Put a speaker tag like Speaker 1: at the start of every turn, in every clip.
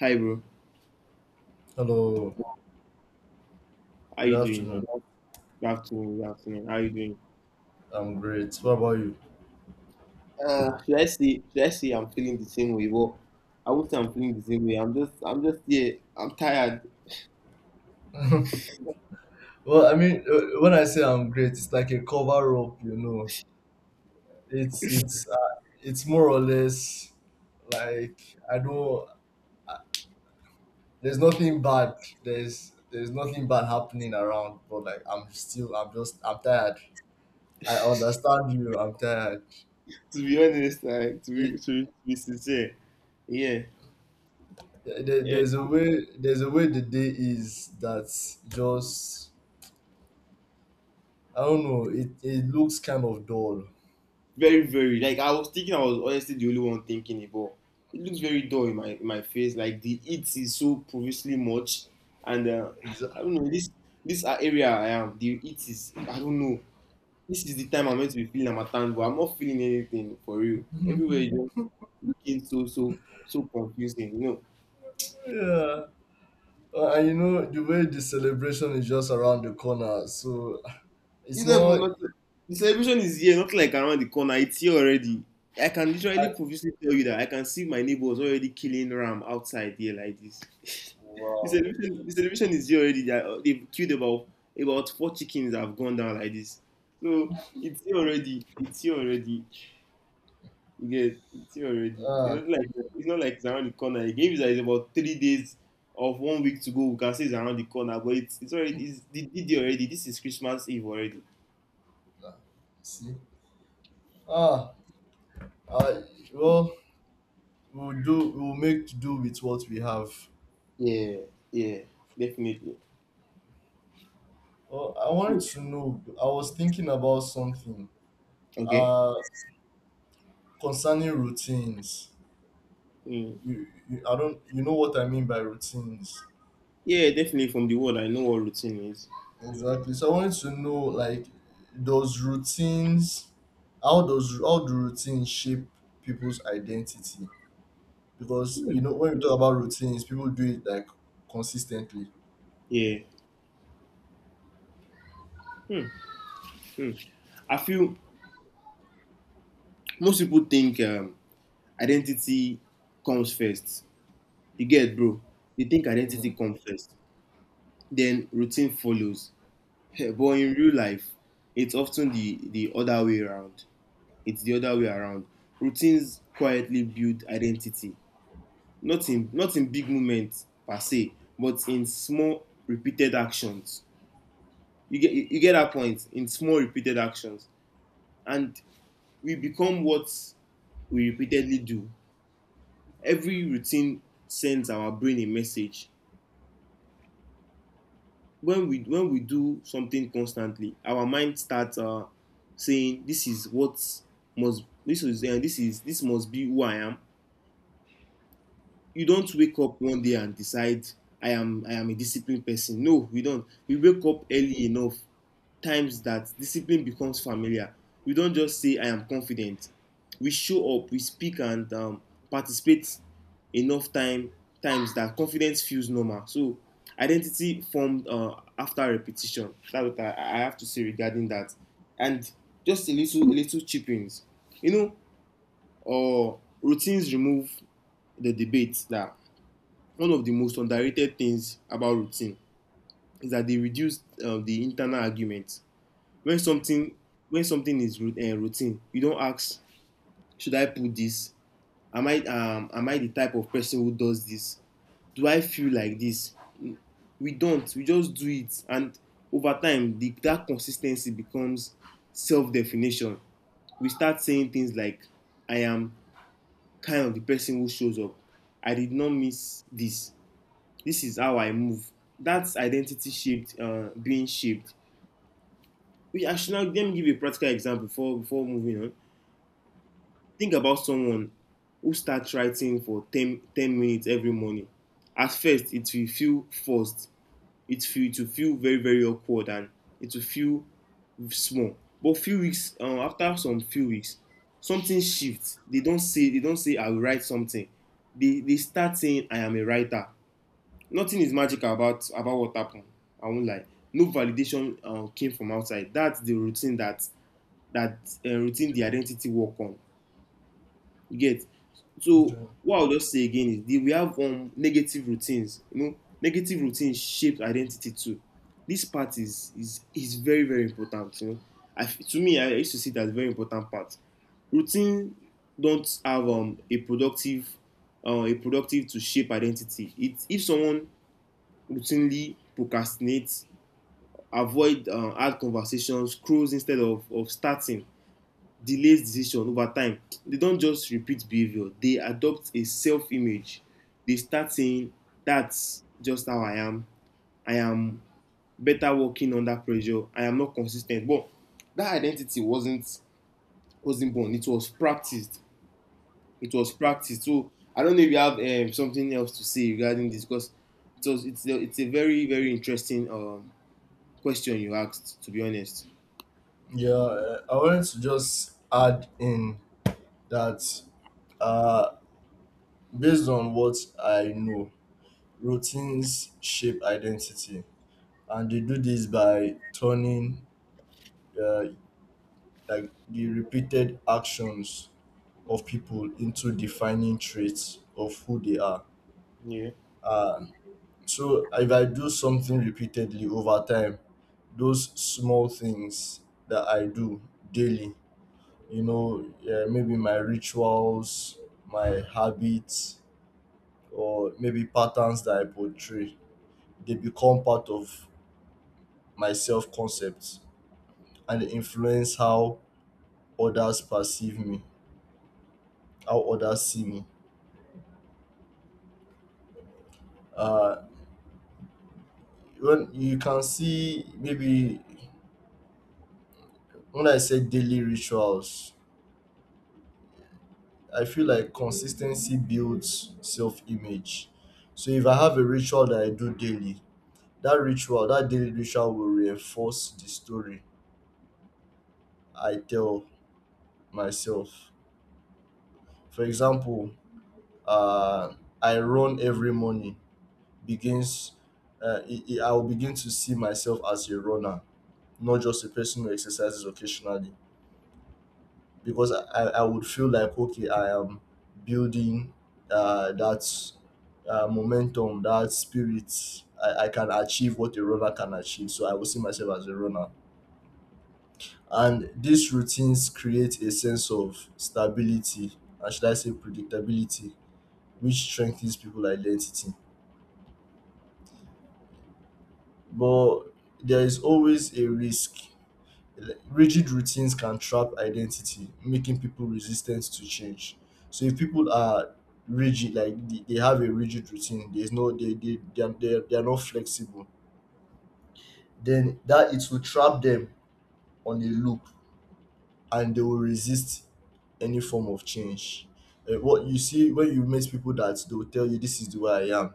Speaker 1: Hi, bro.
Speaker 2: Hello,
Speaker 1: How
Speaker 2: good
Speaker 1: you doing
Speaker 2: afternoon.
Speaker 1: now? Good afternoon. Good afternoon. How you doing?
Speaker 2: I'm great. What about you?
Speaker 1: Should I say I'm feeling the same way? Well, I won't say I'm feeling the same way. I'm just. I'm just. Yeah. I'm tired.
Speaker 2: When I say I'm great, it's like a cover up, you know. It's more or less like I don't. There's nothing bad. There's nothing bad happening around, but like I'm tired. I understand you. I'm tired.
Speaker 1: To be honest, like to be
Speaker 2: It,
Speaker 1: to, be sincere. Yeah.
Speaker 2: there,
Speaker 1: Yeah.
Speaker 2: there's a
Speaker 1: it's
Speaker 2: way the day is that's just I don't know. It looks kind of dull.
Speaker 1: Very very. Like I was thinking. I was honestly the only one thinking it, but it looks very dull in my face. Like the heat is so previously much, and I don't know this area I am. The heat is. I don't know. This is the time I'm meant to be feeling Harmattan, but I'm not feeling anything for real. Everywhere is just looking so so so confusing.
Speaker 2: Yeah. And you know, the way the celebration is just around the corner, so it's
Speaker 1: It's not
Speaker 2: not.
Speaker 1: even not, the celebration is here, not like around the corner. It's here already. I can
Speaker 2: I,
Speaker 1: literally previously tell you that I can see my neighbors already killing ram outside here like this. the
Speaker 2: wow.
Speaker 1: celebration, the celebration is here already. They've killed about four chickens that have gone down like this. So it's here already. It's here already. You get, see already. It's
Speaker 2: Ah,
Speaker 1: not like it's not like it's around the corner. Again, if it's about 3 days of 1 week to go, we can say it's around the corner. But it's already, it's the DD already. This is Christmas Eve already.
Speaker 2: ah, see? Ah, I, well, we'll make to do with what we have.
Speaker 1: Yeah, yeah, definitely.
Speaker 2: Oh, I wanted
Speaker 1: So-
Speaker 2: to know, I was thinking about something
Speaker 1: Okay.
Speaker 2: uh, concerning routines.
Speaker 1: Mm.
Speaker 2: I don't, you know what I mean by routines.
Speaker 1: Yeah, definitely. From the word, I know what routine is.
Speaker 2: Exactly. So I wanted to know, like, does routines, how do routines shape people's identity? Because you know, when we talk about routines, people do it like consistently.
Speaker 1: Yeah. Hmm. Hmm. I feel most people think identity comes first. You get, bro. They think identity
Speaker 2: Mm.
Speaker 1: comes first, then routine follows. But in real life, it's often the other way around. It's the other way around. Routines quietly build identity, not in, not in big moments per se, but in small, repeated actions. You get that point? In small, repeated actions. And we become what we repeatedly do. Every routine sends our brain a message when we do something constantly. Our mind starts saying this is what must. This is uh, this is this must be who I am. You don't wake up one day and decide I am a disciplined person. No, we don't. We wake up early enough times that discipline becomes familiar. We don't just say I am confident. We show up, we speak, and participate enough times that confidence feels normal. So identity formed after repetition. That's what I have to say regarding that. And just a little chippings, you know uh, Routines remove the debate that... One of the most underrated things about routine is that they reduce the internal argument. When something is routine, you don't ask, should I put this? Am I the type of person who does this? Do I feel like this? We don't. We just do it, and over time, that consistency becomes self-definition. We start saying things like, "I am kind of the person who shows up. I did not miss this." This is how I move. That's identity being shaped. We I should now let me give a practical example before moving on. Think about someone who starts writing for ten minutes every morning. At first, it will feel forced. It will feel very very awkward, and it will feel small. But few weeks after some few weeks, something shifts. They don't say I will write something. They start saying I am a writer. Nothing is magical about what happened. I won't lie. No validation came from outside. That's the routine that routine the identity work on. You get. So
Speaker 2: Okay.
Speaker 1: what I'll just say again is, we have negative routines. You know, negative routines shape identity too. This part is very very important. You know, to me, I used to see it as a very important part. Routine don't have a productive, a productive to shape identity. It If someone routinely procrastinate, avoid hard conversations, scrolls instead of starting, delays decision over time. They don't just repeat behavior, they adopt a self image. They start saying, that's just how I am. I am better working under pressure. I am not consistent. But that identity wasn't born. It was practiced. It was practiced. So I don't know if you have something else to say regarding this, because it's a very very interesting question you asked. To be honest,
Speaker 2: Yeah, I wanted to just add in that, uh, based on what I know, routines shape identity, and they do this by turning, uh, like the repeated actions of people into defining traits of who they are.
Speaker 1: Yeah.
Speaker 2: Um, so if I do something repeatedly over time, those small things that I do daily, you know, yeah, maybe my rituals, my habits, or maybe patterns that I portray, they become part of my self concept and they influence how others perceive me, how others see me. Uh, when you can see maybe When I say daily rituals, I feel like consistency builds self image. So if I have a ritual that I do daily, that ritual, that daily ritual will reinforce the story I tell myself. For example, uh, I run every morning begins, I will begin to see myself as a runner, not just a person who exercises occasionally because I would feel like okay I am building that momentum that spirit I can achieve what a runner can achieve, so I will see myself as a runner, and these routines create a sense of stability and should I say predictability, which strengthens people identity. But there is always a risk: rigid routines can trap identity, making people resistant to change. So if people are rigid, like they have a rigid routine, there's no they are not flexible. Then that it will trap them on a loop, and they will resist any form of change. What you see when you meet people that they will tell you this is the way I am,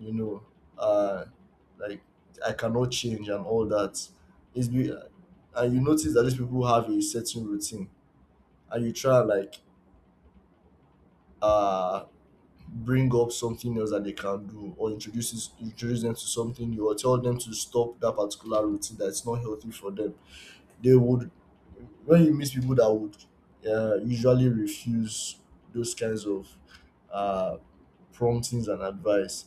Speaker 2: you know, uh, like I cannot change and all that. It's be, and you notice that these people have a certain routine and you try and like uh bring up something else that they can do or introduce them to something new or tell them to stop that particular routine that's not healthy for them. They would, when you meet people that would usually refuse those kinds of uh, promptings and advice,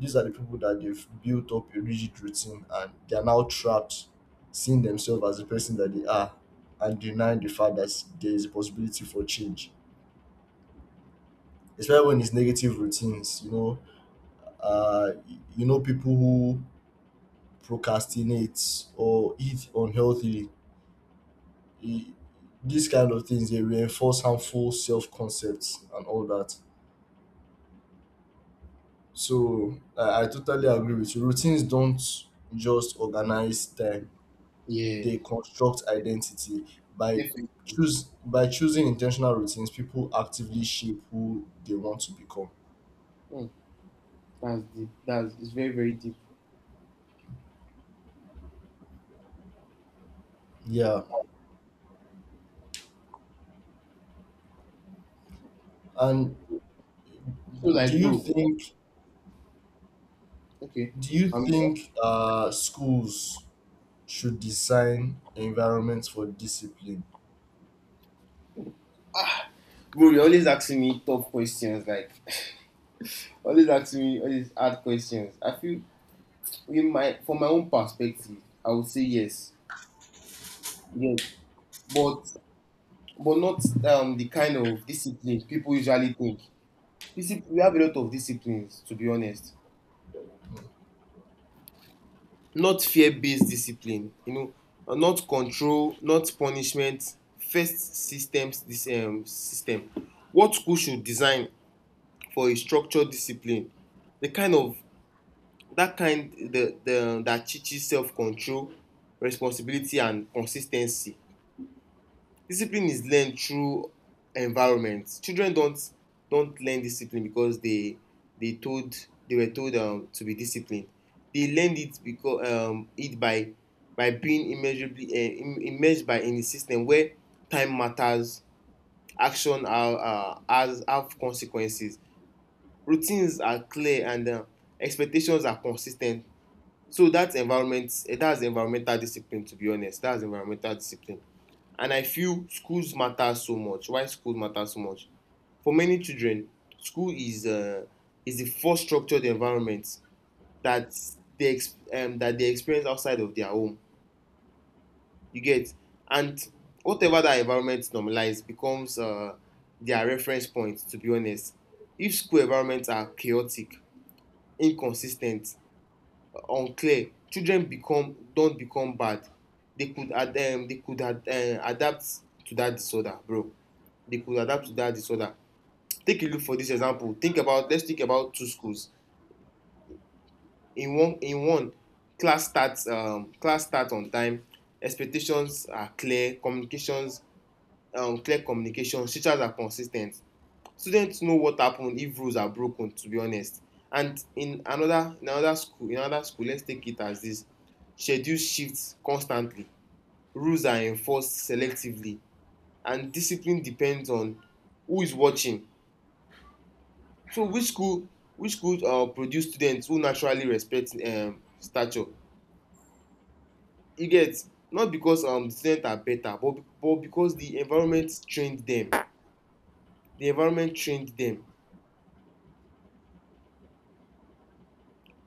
Speaker 2: these are the people that they've built up a rigid routine and they are now trapped seeing themselves as the person that they are and denying the fact that there is a possibility for change, especially when it's negative routines. You know, you know people who procrastinate or eat unhealthily. E- These kind of things they reinforce harmful self concepts and all that. So I totally agree with you. Routines don't just organize time;
Speaker 1: Yeah,
Speaker 2: they construct identity by
Speaker 1: definitely.
Speaker 2: choose by choosing intentional routines. People actively shape who they want to become.
Speaker 1: Hmm, that's deep. That's It's very very deep.
Speaker 2: Yeah, and
Speaker 1: So
Speaker 2: do
Speaker 1: like,
Speaker 2: you
Speaker 1: bro,
Speaker 2: think
Speaker 1: okay, I
Speaker 2: Schools should design environments for discipline?
Speaker 1: bro. You're always asking me tough questions. Like, always asking me all these hard questions. I feel in my from my own perspective, I would say yes, yes, but not the kind of discipline people usually think. Discipline. We have a lot of disciplines. To be honest, not fear-based discipline. Not control, not punishment first systems. This system, what school should design, for a structured discipline, the kind of, that kind the that teaches self-control, responsibility, and consistency. Discipline is learned through environment. Children don't learn discipline because they told they were told to be disciplined. They learned it because, it by being immeasurably immersed by in a system where time matters, action are, has have consequences, routines are clear, and expectations are consistent. So that's environmental discipline, to be honest. That's environmental discipline. And I feel schools matter so much. Why schools matter so much? For many children, school is the first structured environment that they experience outside of their home. You get, and whatever that environment normalize becomes their reference point. To be honest, if school environments are chaotic, inconsistent, unclear, children become bad. They could ad adapt to that disorder, bro. They could adapt to that disorder. Take a look, for dis example. Think about let's think about two schools. In one, class start on time, expectations are clear, communications clear communication, teachers are consis ten t, students know what happen if rules are broken, to be honest. And in another school, let's take it as this: schedules shift constantly, rules are enforced selectively, and discipline depends on who is watching. So which school produce students who naturally respect stature? You get, not because the students are better, but because the environment trained them. The environment trained them.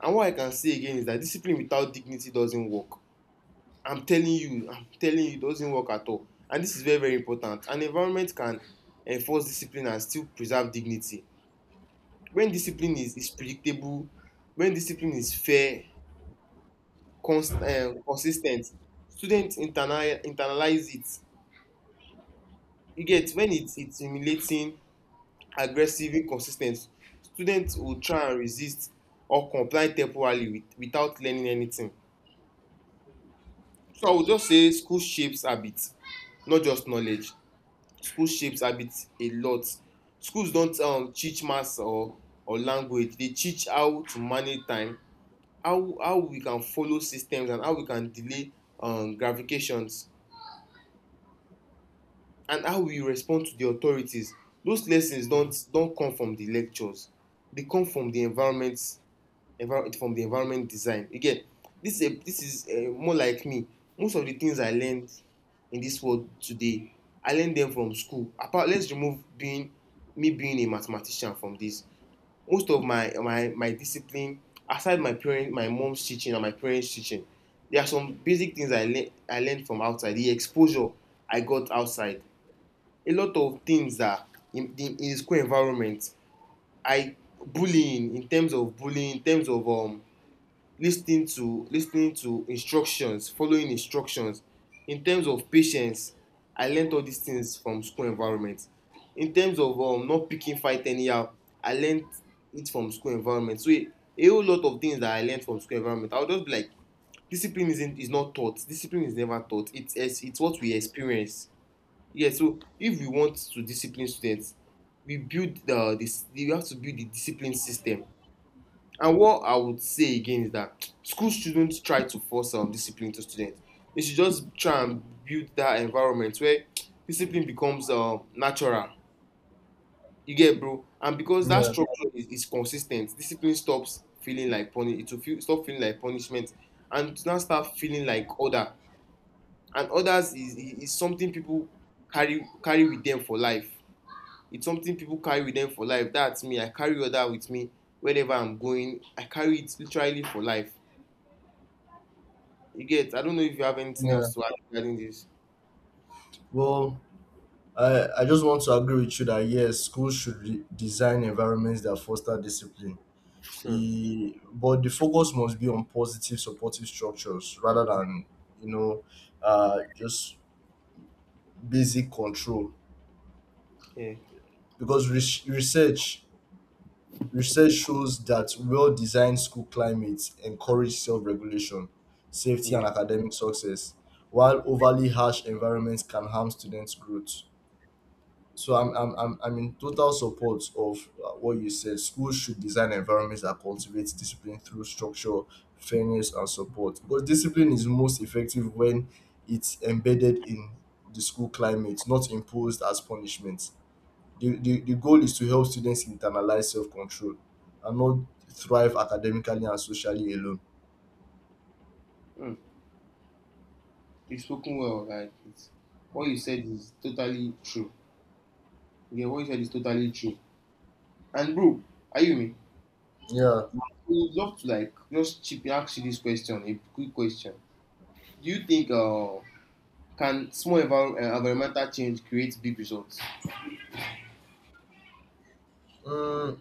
Speaker 1: And what I can say again is that discipline without dignity doesn't work. I'm telling you, it doesn't work at all. And this is very, very important. An environment can enforce discipline and still preserve dignity. When discipline is predictable, when discipline is fair, consistent, students internalize it. You get, when it's humiliating, aggressive, inconsistent, students will try and resist or comply temporarily without learning anything. So I would just say school shapes habits, not just knowledge. School shapes habit a lot. Schools don't teach maths or language. They teach how to manage time, how we can follow systems, and how we can delay gratifications, and how we respond to the authorities. Those lessons don't come from the lectures. They come from the environment design. Again, this is a, this is more like me. Most of the things I learned in this world today, I learned them from school. Apart, let's remove being me being a mathematician from this. Most of my discipline, aside my parents, my mom's teaching and my parents' teaching, there are some basic things I learned from outside. The exposure I got outside, a lot of things that, in the school environment, I bullying, in terms of bullying, in terms of Listening to, instructions, following instructions, in terms of patience. I learned all these things from school environment. In terms of, not picking fight anyhow, I learned it from school environment. So a whole lot of things that I learned from school environment, I would just be like, discipline isn't is not taught, discipline is never taught, it's what we experience. Yes, yeah, so if we want to discipline students, we build the this. We have to build the discipline system. And what I would say again is that schools shouldn't try to force discipline to students. They should just try and build that environment where discipline becomes natural. You get, bro? And because that
Speaker 2: Yeah,
Speaker 1: structure is consistent, discipline stops feeling like It will stop feeling like punishment, and to now start feeling like order. And orders is something people carry with them for life. It's something people carry with them for life. That's me. I carry order with me wherever I'm going. I carry it literally for life. You get. I don't know if you have anything
Speaker 2: yeah,
Speaker 1: else to add regarding this.
Speaker 2: well, I just want to agree with you that yes, schools should design environments that foster discipline.
Speaker 1: Hmm.
Speaker 2: But the focus must be on positive, supportive structures rather than, you know, just basic control.
Speaker 1: Yeah.
Speaker 2: Because research shows that well-designed school climates encourage self-regulation, safety, and
Speaker 1: Yeah.
Speaker 2: academic success, while overly harsh environments can harm students' growth. So I'm in total support of what you said. Schools should design environments that cultivate discipline through structure, fairness, and support. Because discipline is most effective when it's embedded in the school climate, not imposed as punishment. The goal is to help students internalize self control and not thrive academically and socially alone.
Speaker 1: Mm. You've spoken well. What you said is totally true. Yeah, what you said is totally true. And bro, are you me?
Speaker 2: Yeah,
Speaker 1: We would love to like just chip ask you this question, a quick question. Do you think can small environmental change create big results?
Speaker 2: mm,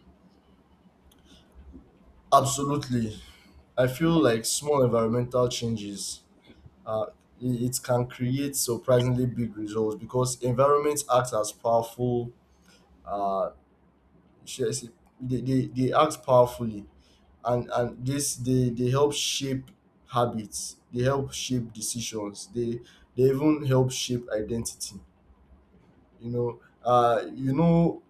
Speaker 2: absolutely. I feel like small environmental changes, uh, it can create surprisingly big results because environment acts as powerful, uh, should I say, they act powerfully, and this they help shape habits, they help shape decisions, they even help shape identity. You know you know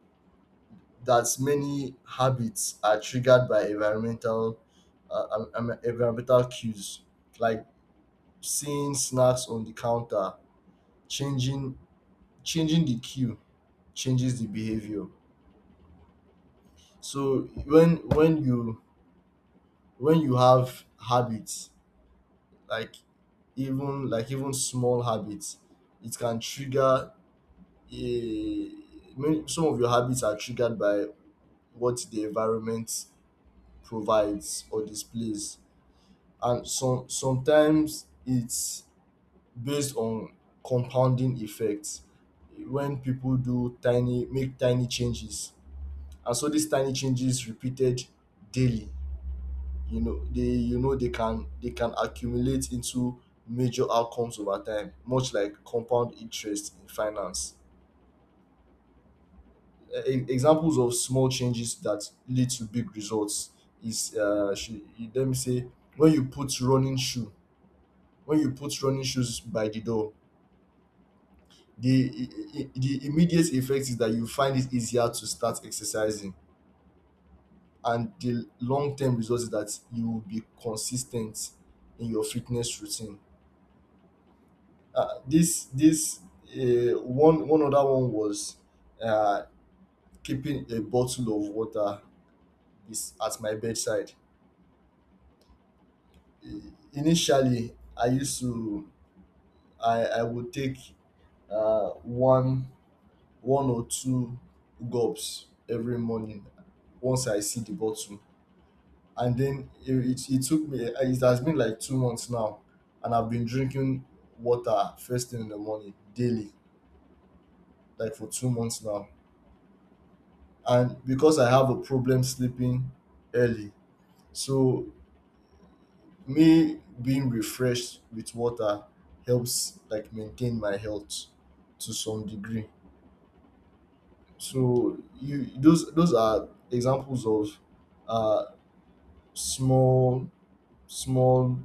Speaker 2: that many habits are triggered by environmental environmental cues, like seeing snacks on the counter. changing Changing the cue changes the behavior. So when you have habits, like even small habits, it can trigger a some of your habits are triggered by what the environment provides or displays, and sometimes it's based on compounding effects when people do tiny make tiny changes, and so these tiny changes repeated daily, you know they can accumulate into major outcomes over time, much like compound interest in finance. Examples of small changes that lead to big results is uh should, let me say: when you put running shoes by the door, the the immediate effect is that you find it easier to start exercising, and the long term result is that you will be consistent in your fitness routine. This this One other one was um keeping a bottle of water is at my bedside. Initially I used to I would take um one or two gulps every morning once I see the bottle. And then it took me, it has been like 2 months now, and I've been drinking water first thing in the morning daily, like for 2 months now. And because I have a problem sleeping early, so me being refreshed with water helps like maintain my health to some degree. So you those are examples of uh small small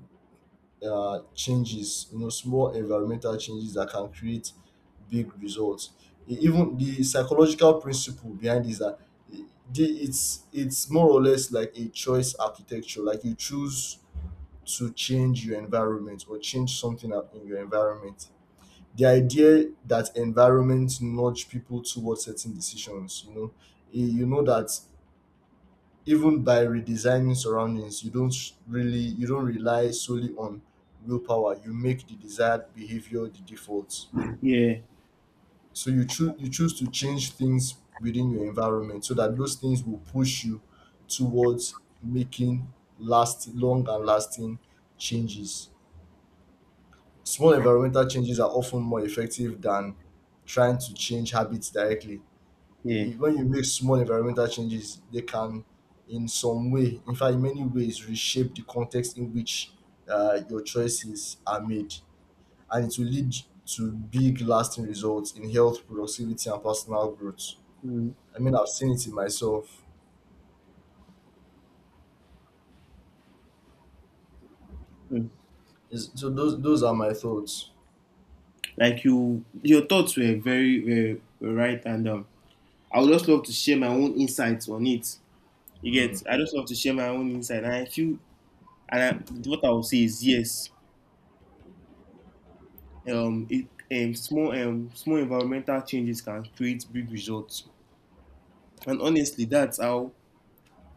Speaker 2: changes, you know, small environmental changes that can create big results. Even the psychological principle behind this, that it's more or less like a choice architecture, like you choose to change your environment or change something up in your environment, the idea that environment nudge people towards certain decisions, you know. You know that even by redesigning surroundings you don't sh- really you don't rely solely on willpower; you make the desired behavior the default. So you choose to change things within your environment so that those things will push you towards making last long and lasting changes. Small environmental changes are often more effective than trying to change habits directly.
Speaker 1: Yeah.
Speaker 2: When you make small environmental changes, they can, in some way, in fact, in many ways, reshape the context in which your choices are made, and it will lead to big, lasting results in health, productivity, and personal growth.
Speaker 1: Mm.
Speaker 2: I mean, I've seen it in myself.
Speaker 1: Mm.
Speaker 2: Is so those are my thoughts.
Speaker 1: Like you, your thoughts were very, very right, and I would just love to share my own insights on it. You get.
Speaker 2: Mm,
Speaker 1: I just love to share my own insight, and I feel. And I, what I will say is yes. Small small environmental changes can create big results, and honestly, that's how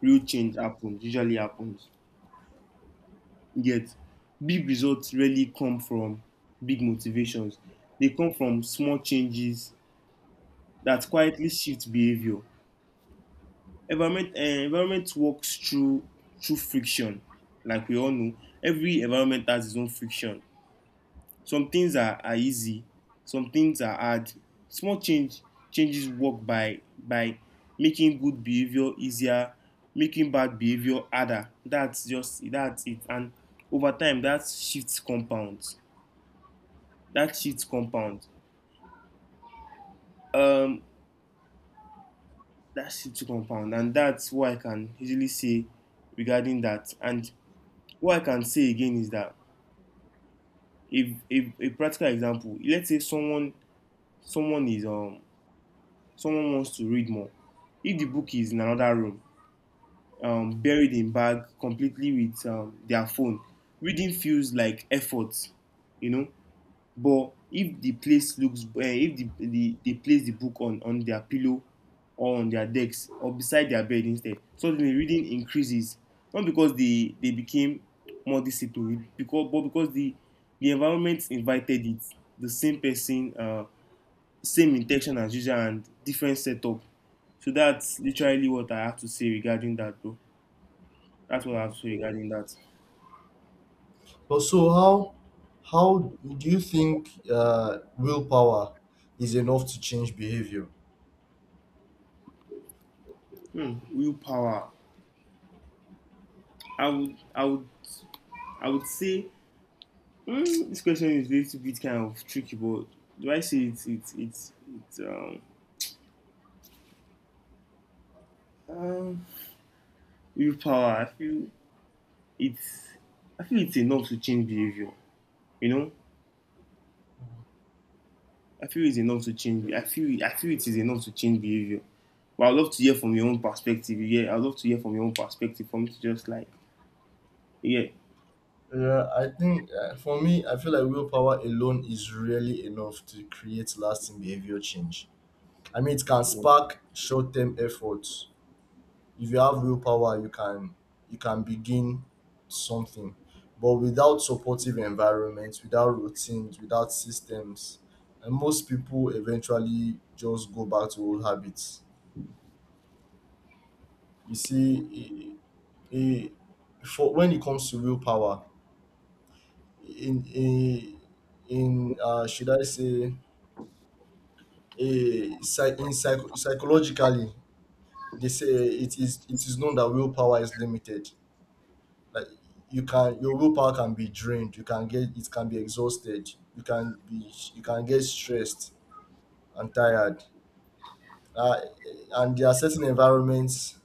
Speaker 1: real change happens. Usually happens. Yet, big results really come from big motivations. They come from small changes that quietly shift behavior. Environment works through friction, like we all know. Every environment has its own friction. Some things are easy, some things are hard. Small changes work by making good behavior easier, making bad behavior harder. That's it. And over time, that shifts compounds. That shifts compound. Um, that shifts compound, and that's what I can easily say regarding that. And what I can say again is that if a practical example, let's say someone is someone wants to read more. If the book is in another room, buried in bag, completely with their phone, reading feels like effort, you know. But if the place if the, they place the book on their pillow, or on their decks, or beside their bed instead, suddenly reading increases. Not because they became more disciplined, because but because the environment invited it. The same person, same intention as usual and different setup. So that's literally what I have to say regarding that, bro. That's what I have to
Speaker 2: mm.
Speaker 1: say regarding that.
Speaker 2: But so how do you think willpower is enough to change behavior?
Speaker 1: Hmm, willpower. I would, I would, I would say hmm, this question is a little bit kind of tricky, but do I say it's um willpower? It's I feel it's enough to change behavior. You know, I feel it's enough to change. I feel it is enough to change behavior. But I'd love to hear from your own perspective. Yeah, I'd love to hear from your own perspective. For me to just like, yeah,
Speaker 2: Yeah, I think for me, I feel like willpower alone is really enough to create lasting behavior change. I mean, it can
Speaker 1: yeah.
Speaker 2: spark short-term efforts. If you have willpower, you can begin something. But without supportive environments, without routines, without systems, and most people eventually just go back to old habits. You see, it, it, for when it comes to willpower, in in in should I say a psy- in psych- psychologically they say it is known that willpower is limited. Like your willpower can be drained. You can get it can be exhausted. You can get stressed and tired. Uh, and there are certain environments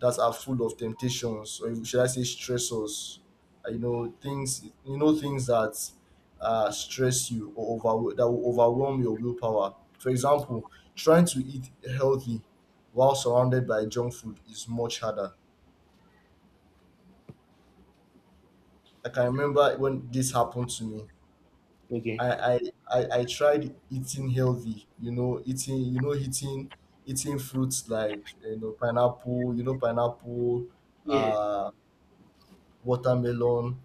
Speaker 2: that are full of temptations, or should I say stressors. You know things. You know things that stress you or over that will overwhelm your willpower. For example, trying to eat healthy while surrounded by junk food is much harder. Like I remember when this happened to me.
Speaker 1: Okay.
Speaker 2: I, I, I tried eating healthy, you know, eating fruits like you know pineapple,
Speaker 1: Yeah.
Speaker 2: uh, watermelon,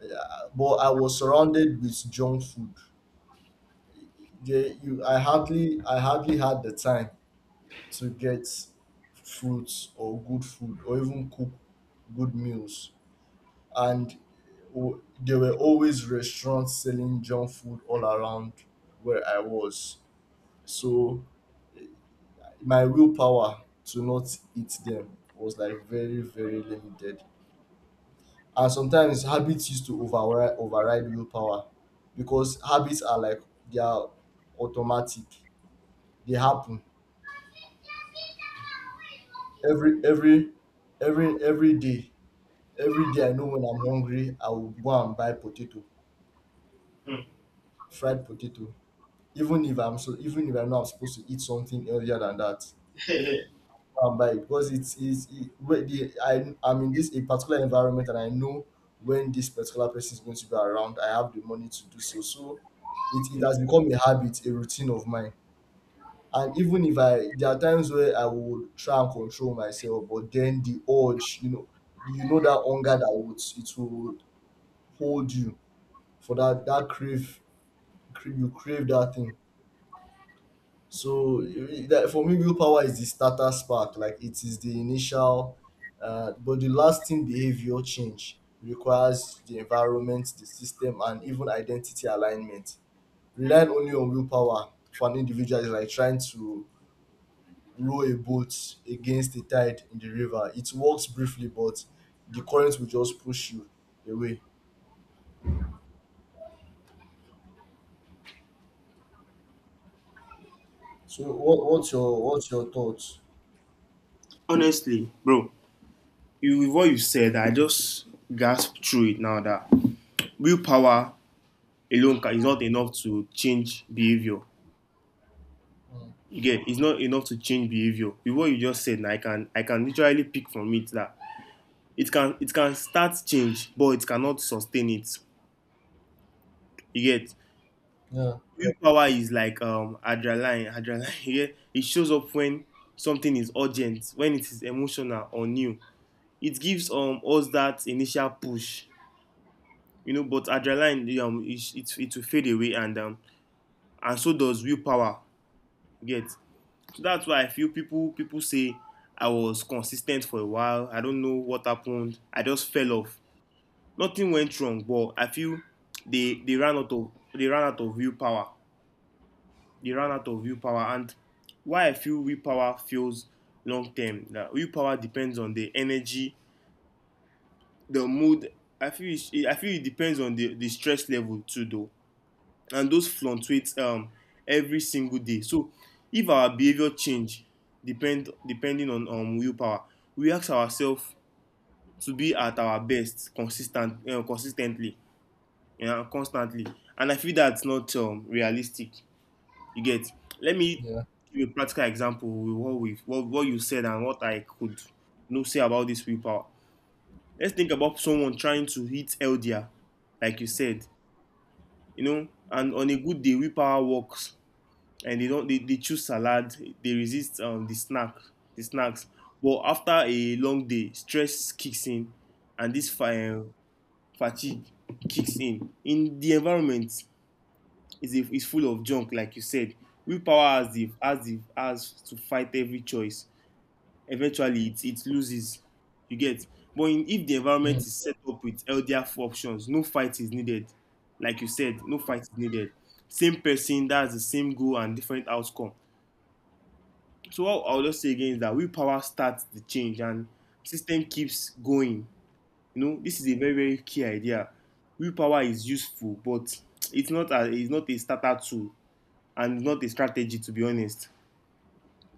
Speaker 2: yeah, but I was surrounded with junk food. Yeah, you, I hardly had the time to get fruits or good food or even cook good meals. And there were always restaurants selling junk food all around where I was. So my willpower to not eat them was like very, very limited. And sometimes habits used to override willpower because habits are like they are automatic, they happen every every every day. Every day I know when I'm hungry I will go and buy potato,
Speaker 1: Mm.
Speaker 2: fried potato, even if I'm so even if I know I'm supposed to eat something earlier than that. By it because it's it, wait, the, I I'm in this a particular environment and I know when this particular person is going to be around. I have the money to do so. So it has become a habit, a routine of mine. And even if I there are times where I would try and control myself, but then the urge, that hunger that would it will hold you for that that crave, you crave that thing. So you- that for me, willpower is the starter spark, like it is the initial, but the lasting behavior change requires the environment, the system, and even identity alignment. Relying only on willpower for an individual is like trying to row a boat against the tide in the river. It works briefly, but the current will just push you away. So what's your thoughts?
Speaker 1: Honestly, bro, you with what you said, I just gasped through it now that willpower is not enough to change behavior.
Speaker 2: Mm,
Speaker 1: Again, it's not enough to change behavior. With what you just said, I can literally pick from it that it can start change, but it cannot sustain it. You get
Speaker 2: yeah,
Speaker 1: willpower is like adrenaline. Adrenaline. You get it shows up when something is urgent, when it is emotional or new. It gives us that initial push, you know. But adrenaline, it will fade away, and so does willpower. You get. So that's why I feel people say I was consistent for a while. I don't know what happened. I just fell off. Nothing went wrong, but I feel they ran out of willpower. They run out of willpower. And why I feel willpower feels long term. That willpower depends on the energy, the mood. I feel it depends on the stress level too, though, and those fluctuate every single day. So if our behavior change depending on willpower, we ask ourselves to be at our best consistently and constantly. And I feel that's not realistic. You get. Let me
Speaker 2: yeah,
Speaker 1: give a practical example with what you said and what I could no say about this willpower. Let's think about someone trying to hit LDR, like you said, you know, and on a good day willpower works and they don't they choose salad, they resist the snacks. But after a long day, stress kicks in and this fire fatigue kicks in the environment is full of junk, like you said. Willpower has to fight every choice. Eventually, it loses. You get. But in, if the environment
Speaker 2: mm,
Speaker 1: is set up with healthier options, no fight is needed. Like you said, no fight is needed. Same person that has the same goal and different outcome. So what I'll just say again is that willpower starts the change and system keeps going. You know, this is a very very key idea. Willpower is useful, but it's not a starter tool and not a strategy, to be honest.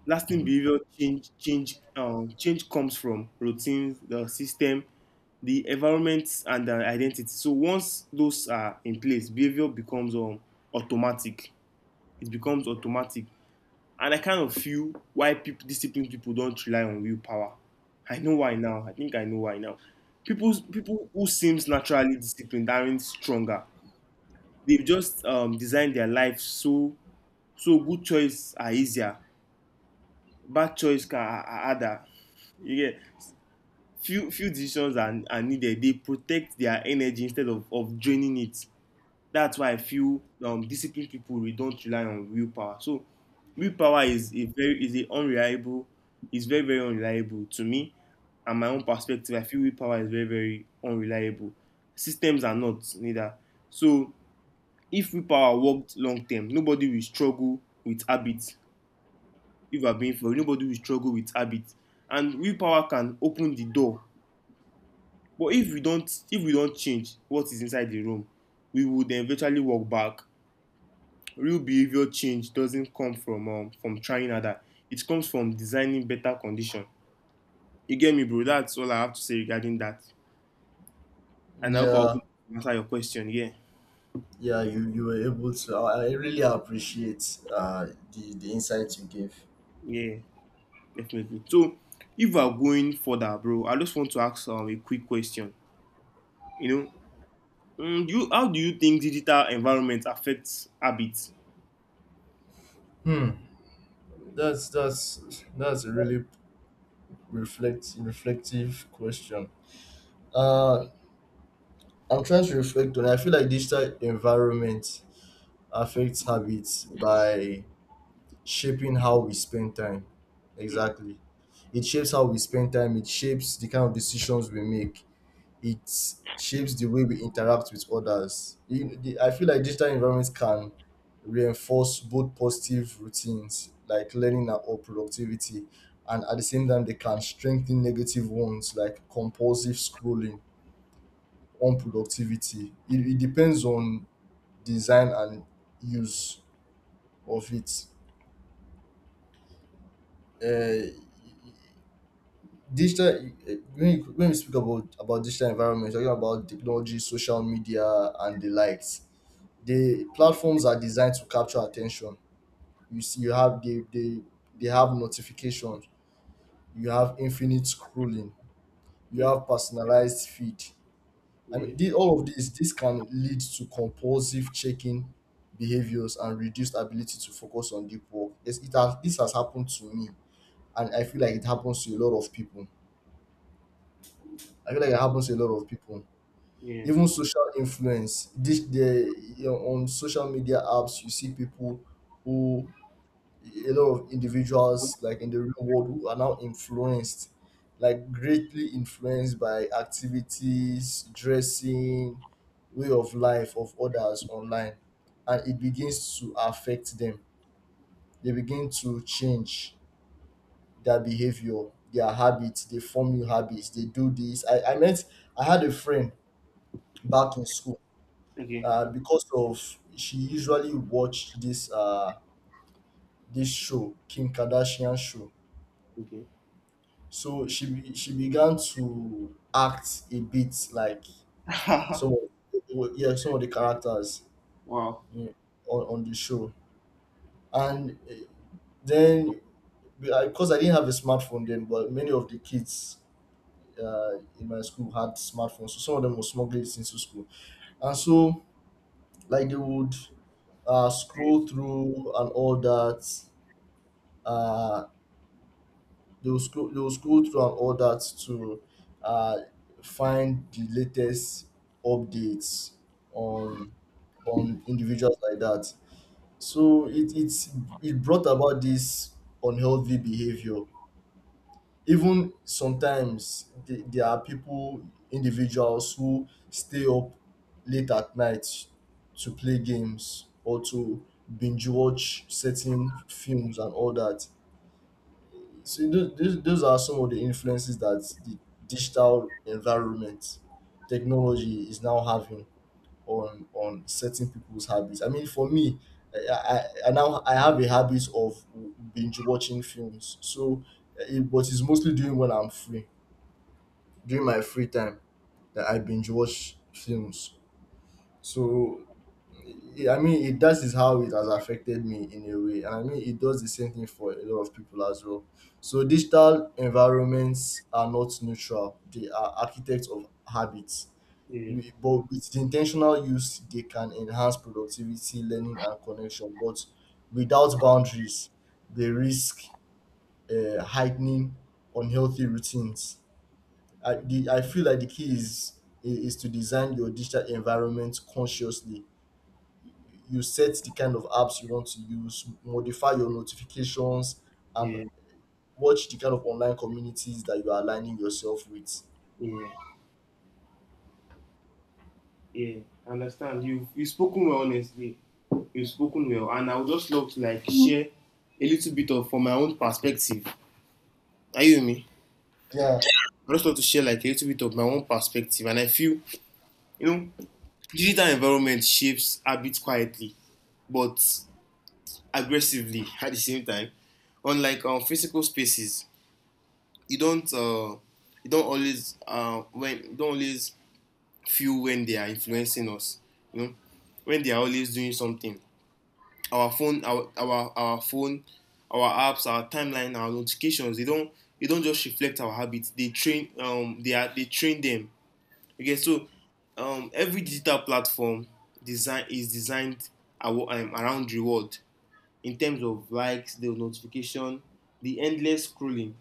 Speaker 1: Lasting
Speaker 2: mm,
Speaker 1: behavior change comes from routines, the system, the environment, and the identity. So once those are in place, behavior becomes automatic. It becomes automatic. And I kind of feel why people disciplined people don't rely on willpower. I know why now. I think I know why now. People who seems naturally disciplined aren't stronger. They've just designed their life so good choices are easier, bad harder. You get. Few are needed. They protect their energy instead of draining it. That's why I feel disciplined people we don't rely on willpower. So willpower is a very is a unreliable, is very, very unreliable to me. And my own perspective, I feel willpower is very, very unreliable. Systems are not neither. So if willpower worked long term, nobody will struggle with habits. If I'm being fair, nobody will struggle with habits, and willpower can open the door, but if we don't change what is inside the room, we will then eventually walk back. Real behavior change doesn't come from trying harder. It comes from designing better condition. You get me, bro. That's all I have to say regarding that, and I hope I was
Speaker 2: yeah.
Speaker 1: able to answer your question. Yeah,
Speaker 2: Yeah, you were able to, I really appreciate the insights you gave.
Speaker 1: yeah, definitely. So if we are going further, bro, I just want to ask a quick question. You know. Mm, you, how do you think digital environment affects habits?
Speaker 2: Hmm, that's a really reflective question. uh I'm trying to reflect on, I feel like digital environment affects habits by shaping how we spend time,
Speaker 1: Mm,
Speaker 2: exactly. It shapes how we spend time, it shapes the kind of decisions we make, it shapes the way we interact with others. I feel like digital environments can reinforce both positive routines like learning or productivity, and at the same time, they can strengthen negative ones like compulsive scrolling, unproductivity. It depends on design and use of it. Uh, digital when when we speak about digital environments, talking about technology, social media, and the likes, the platforms are designed to capture attention. You see you have they have notifications, you have infinite scrolling, you
Speaker 1: mm,
Speaker 2: have personalized feed. I mean,
Speaker 1: yeah,
Speaker 2: all of this can lead to compulsive checking behaviors and reduced ability to focus on deep work. Yes, it has, this has happened to me, and I feel like it happens to a lot of people, I feel like it happens to a lot of people
Speaker 1: yeah.
Speaker 2: Even social influence, this the you know, on social media apps you see people who, a lot of individuals like in the real world who are now influenced, like greatly influenced by activities, dressing, way of life of others online, and it begins to affect them. They begin to change their behavior, their habits, they form new habits, they do this. I met, I had a friend back in school,
Speaker 1: Okay,
Speaker 2: because of, she usually watched this this show, Kim Kardashian show.
Speaker 1: okay.
Speaker 2: So she began to act a bit like some, yeah, some of the characters,
Speaker 1: Wow.
Speaker 2: yeah, on the show, and then, because I didn't have a smartphone then, but many of the kids in my school had smartphones, so some of them were smuggling it into school, and so like they would
Speaker 1: Yeah,
Speaker 2: scroll through and all that. Uh, they'll scroll through and all that to uh, find the latest updates on on individuals like that. So it brought about this unhealthy behavior. Even sometimes there are people, individuals who stay up late at night to play games or to binge watch certain films and all that. So those are some of the influences that the digital environment, technology is now having on certain people's habits. I mean, for me, I now I have a habit of binge watching films. So, but it's mostly during when I'm free, during my free time that I binge watch films. So I mean, it that is how it has affected me in a way. And I mean it does the same thing for a lot of people as well. So digital environments are not neutral. They are architects of habits.
Speaker 1: yeah,
Speaker 2: But with the intentional use they can enhance productivity, learning and connection. But without boundaries, they risk heightening unhealthy routines. I feel like the key is to design your digital environment consciously. You set the kind of apps you want to use, modify your notifications, and
Speaker 1: yeah,
Speaker 2: watch the kind of online communities that you are aligning yourself with.
Speaker 1: yeah. Yeah. I understand? You spoken well, honestly. You've spoken well, and I would just love to like share a little bit of from my own perspective. Are you with me?
Speaker 2: Yeah,
Speaker 1: I just love to share like a little bit of my own perspective, and I feel you know digital environment shapes habits quietly, but aggressively at the same time. Unlike physical spaces, you don't uh, you don't always feel when they are influencing us. You know, when they are always doing something. Our phone, our apps, our timeline, our notifications. They don't just reflect our habits. They train they are they train them. Okay, so every digital platform designed around reward in terms of likes, the notification, the endless scrolling.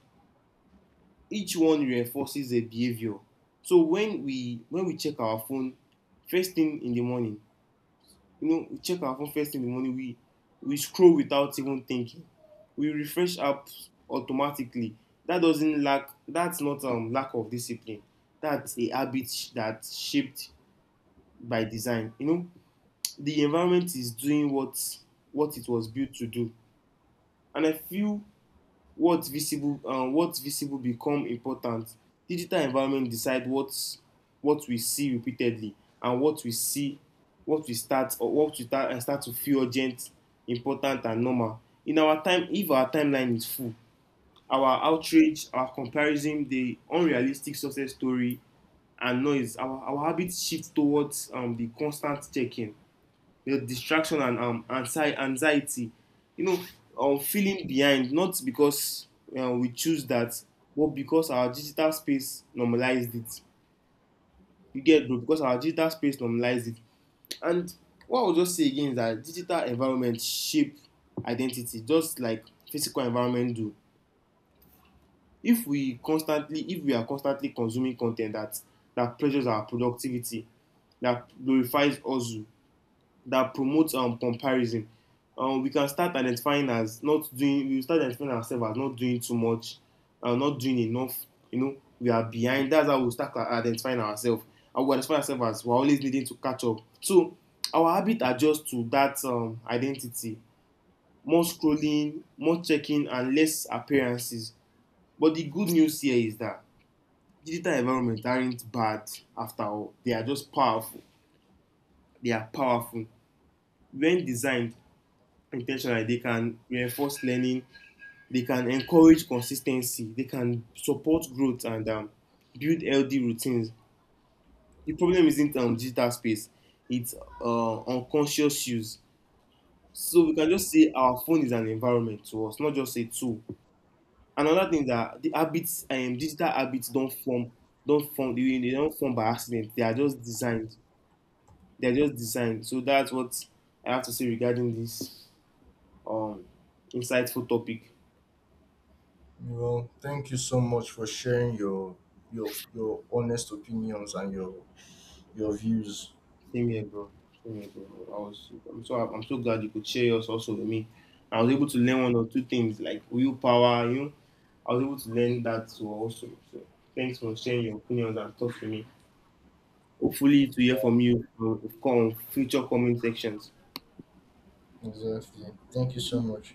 Speaker 1: Each one reinforces a behavior. So when we check our phone first thing in the morning, you know, we check our phone first thing in the morning, we scroll without even thinking. We refresh apps automatically. That's not lack of discipline. That's a habit sh- that's shaped by design. You know, the environment is doing what it was built to do. And I feel what visible become important. Digital environment decide what we see repeatedly, and what we see what start to feel urgent, important, and normal. In our time, if our timeline is full, our outrage, our comparison, the unrealistic success story, and noise, our habit shift towards the constant checking, you know, distraction and anxiety, you know, feeling behind, not because we choose that, but because our digital space normalized it. You get it, bro, because our digital space normalized it. And what I'll just say again is that digital environment shape identity, just like physical environment do. If we are constantly consuming content that pressures our productivity, that glorifies hustle, that promotes comparison. We can start identifying as not doing. We will start identifying ourselves as not doing too much, not doing enough. You know, we are behind. That's how we we'll start identifying ourselves. And we identify ourselves as we're always needing to catch up. So our habit adjusts to that identity. More scrolling, more checking, and less appearances. But the good news here is that digital environments aren't bad after all. They are just powerful. They are powerful. When designed, intentional like, they can reinforce learning, they can encourage consistency, they can support growth, and build healthy routines. The problem isn't digital space. It's unconscious use. So we can just say our phone is an environment to us, not just a tool. Another thing is that the habits, digital habits don't form they don't form by accident. They are just designed. They are just designed. So that's what I have to say regarding this um, insightful topic.
Speaker 2: well, thank you so much for sharing your your honest opinions and your views.
Speaker 1: Same here, bro. Same here, bro. I'm so glad you could share yours also with me. I was able to learn one or two things like willpower. You know, I was able to learn that too also. So thanks for sharing your opinions and thoughts with me. Hopefully to hear
Speaker 2: Yeah,
Speaker 1: from you on future comment sections.
Speaker 2: exactly. Thank you so much.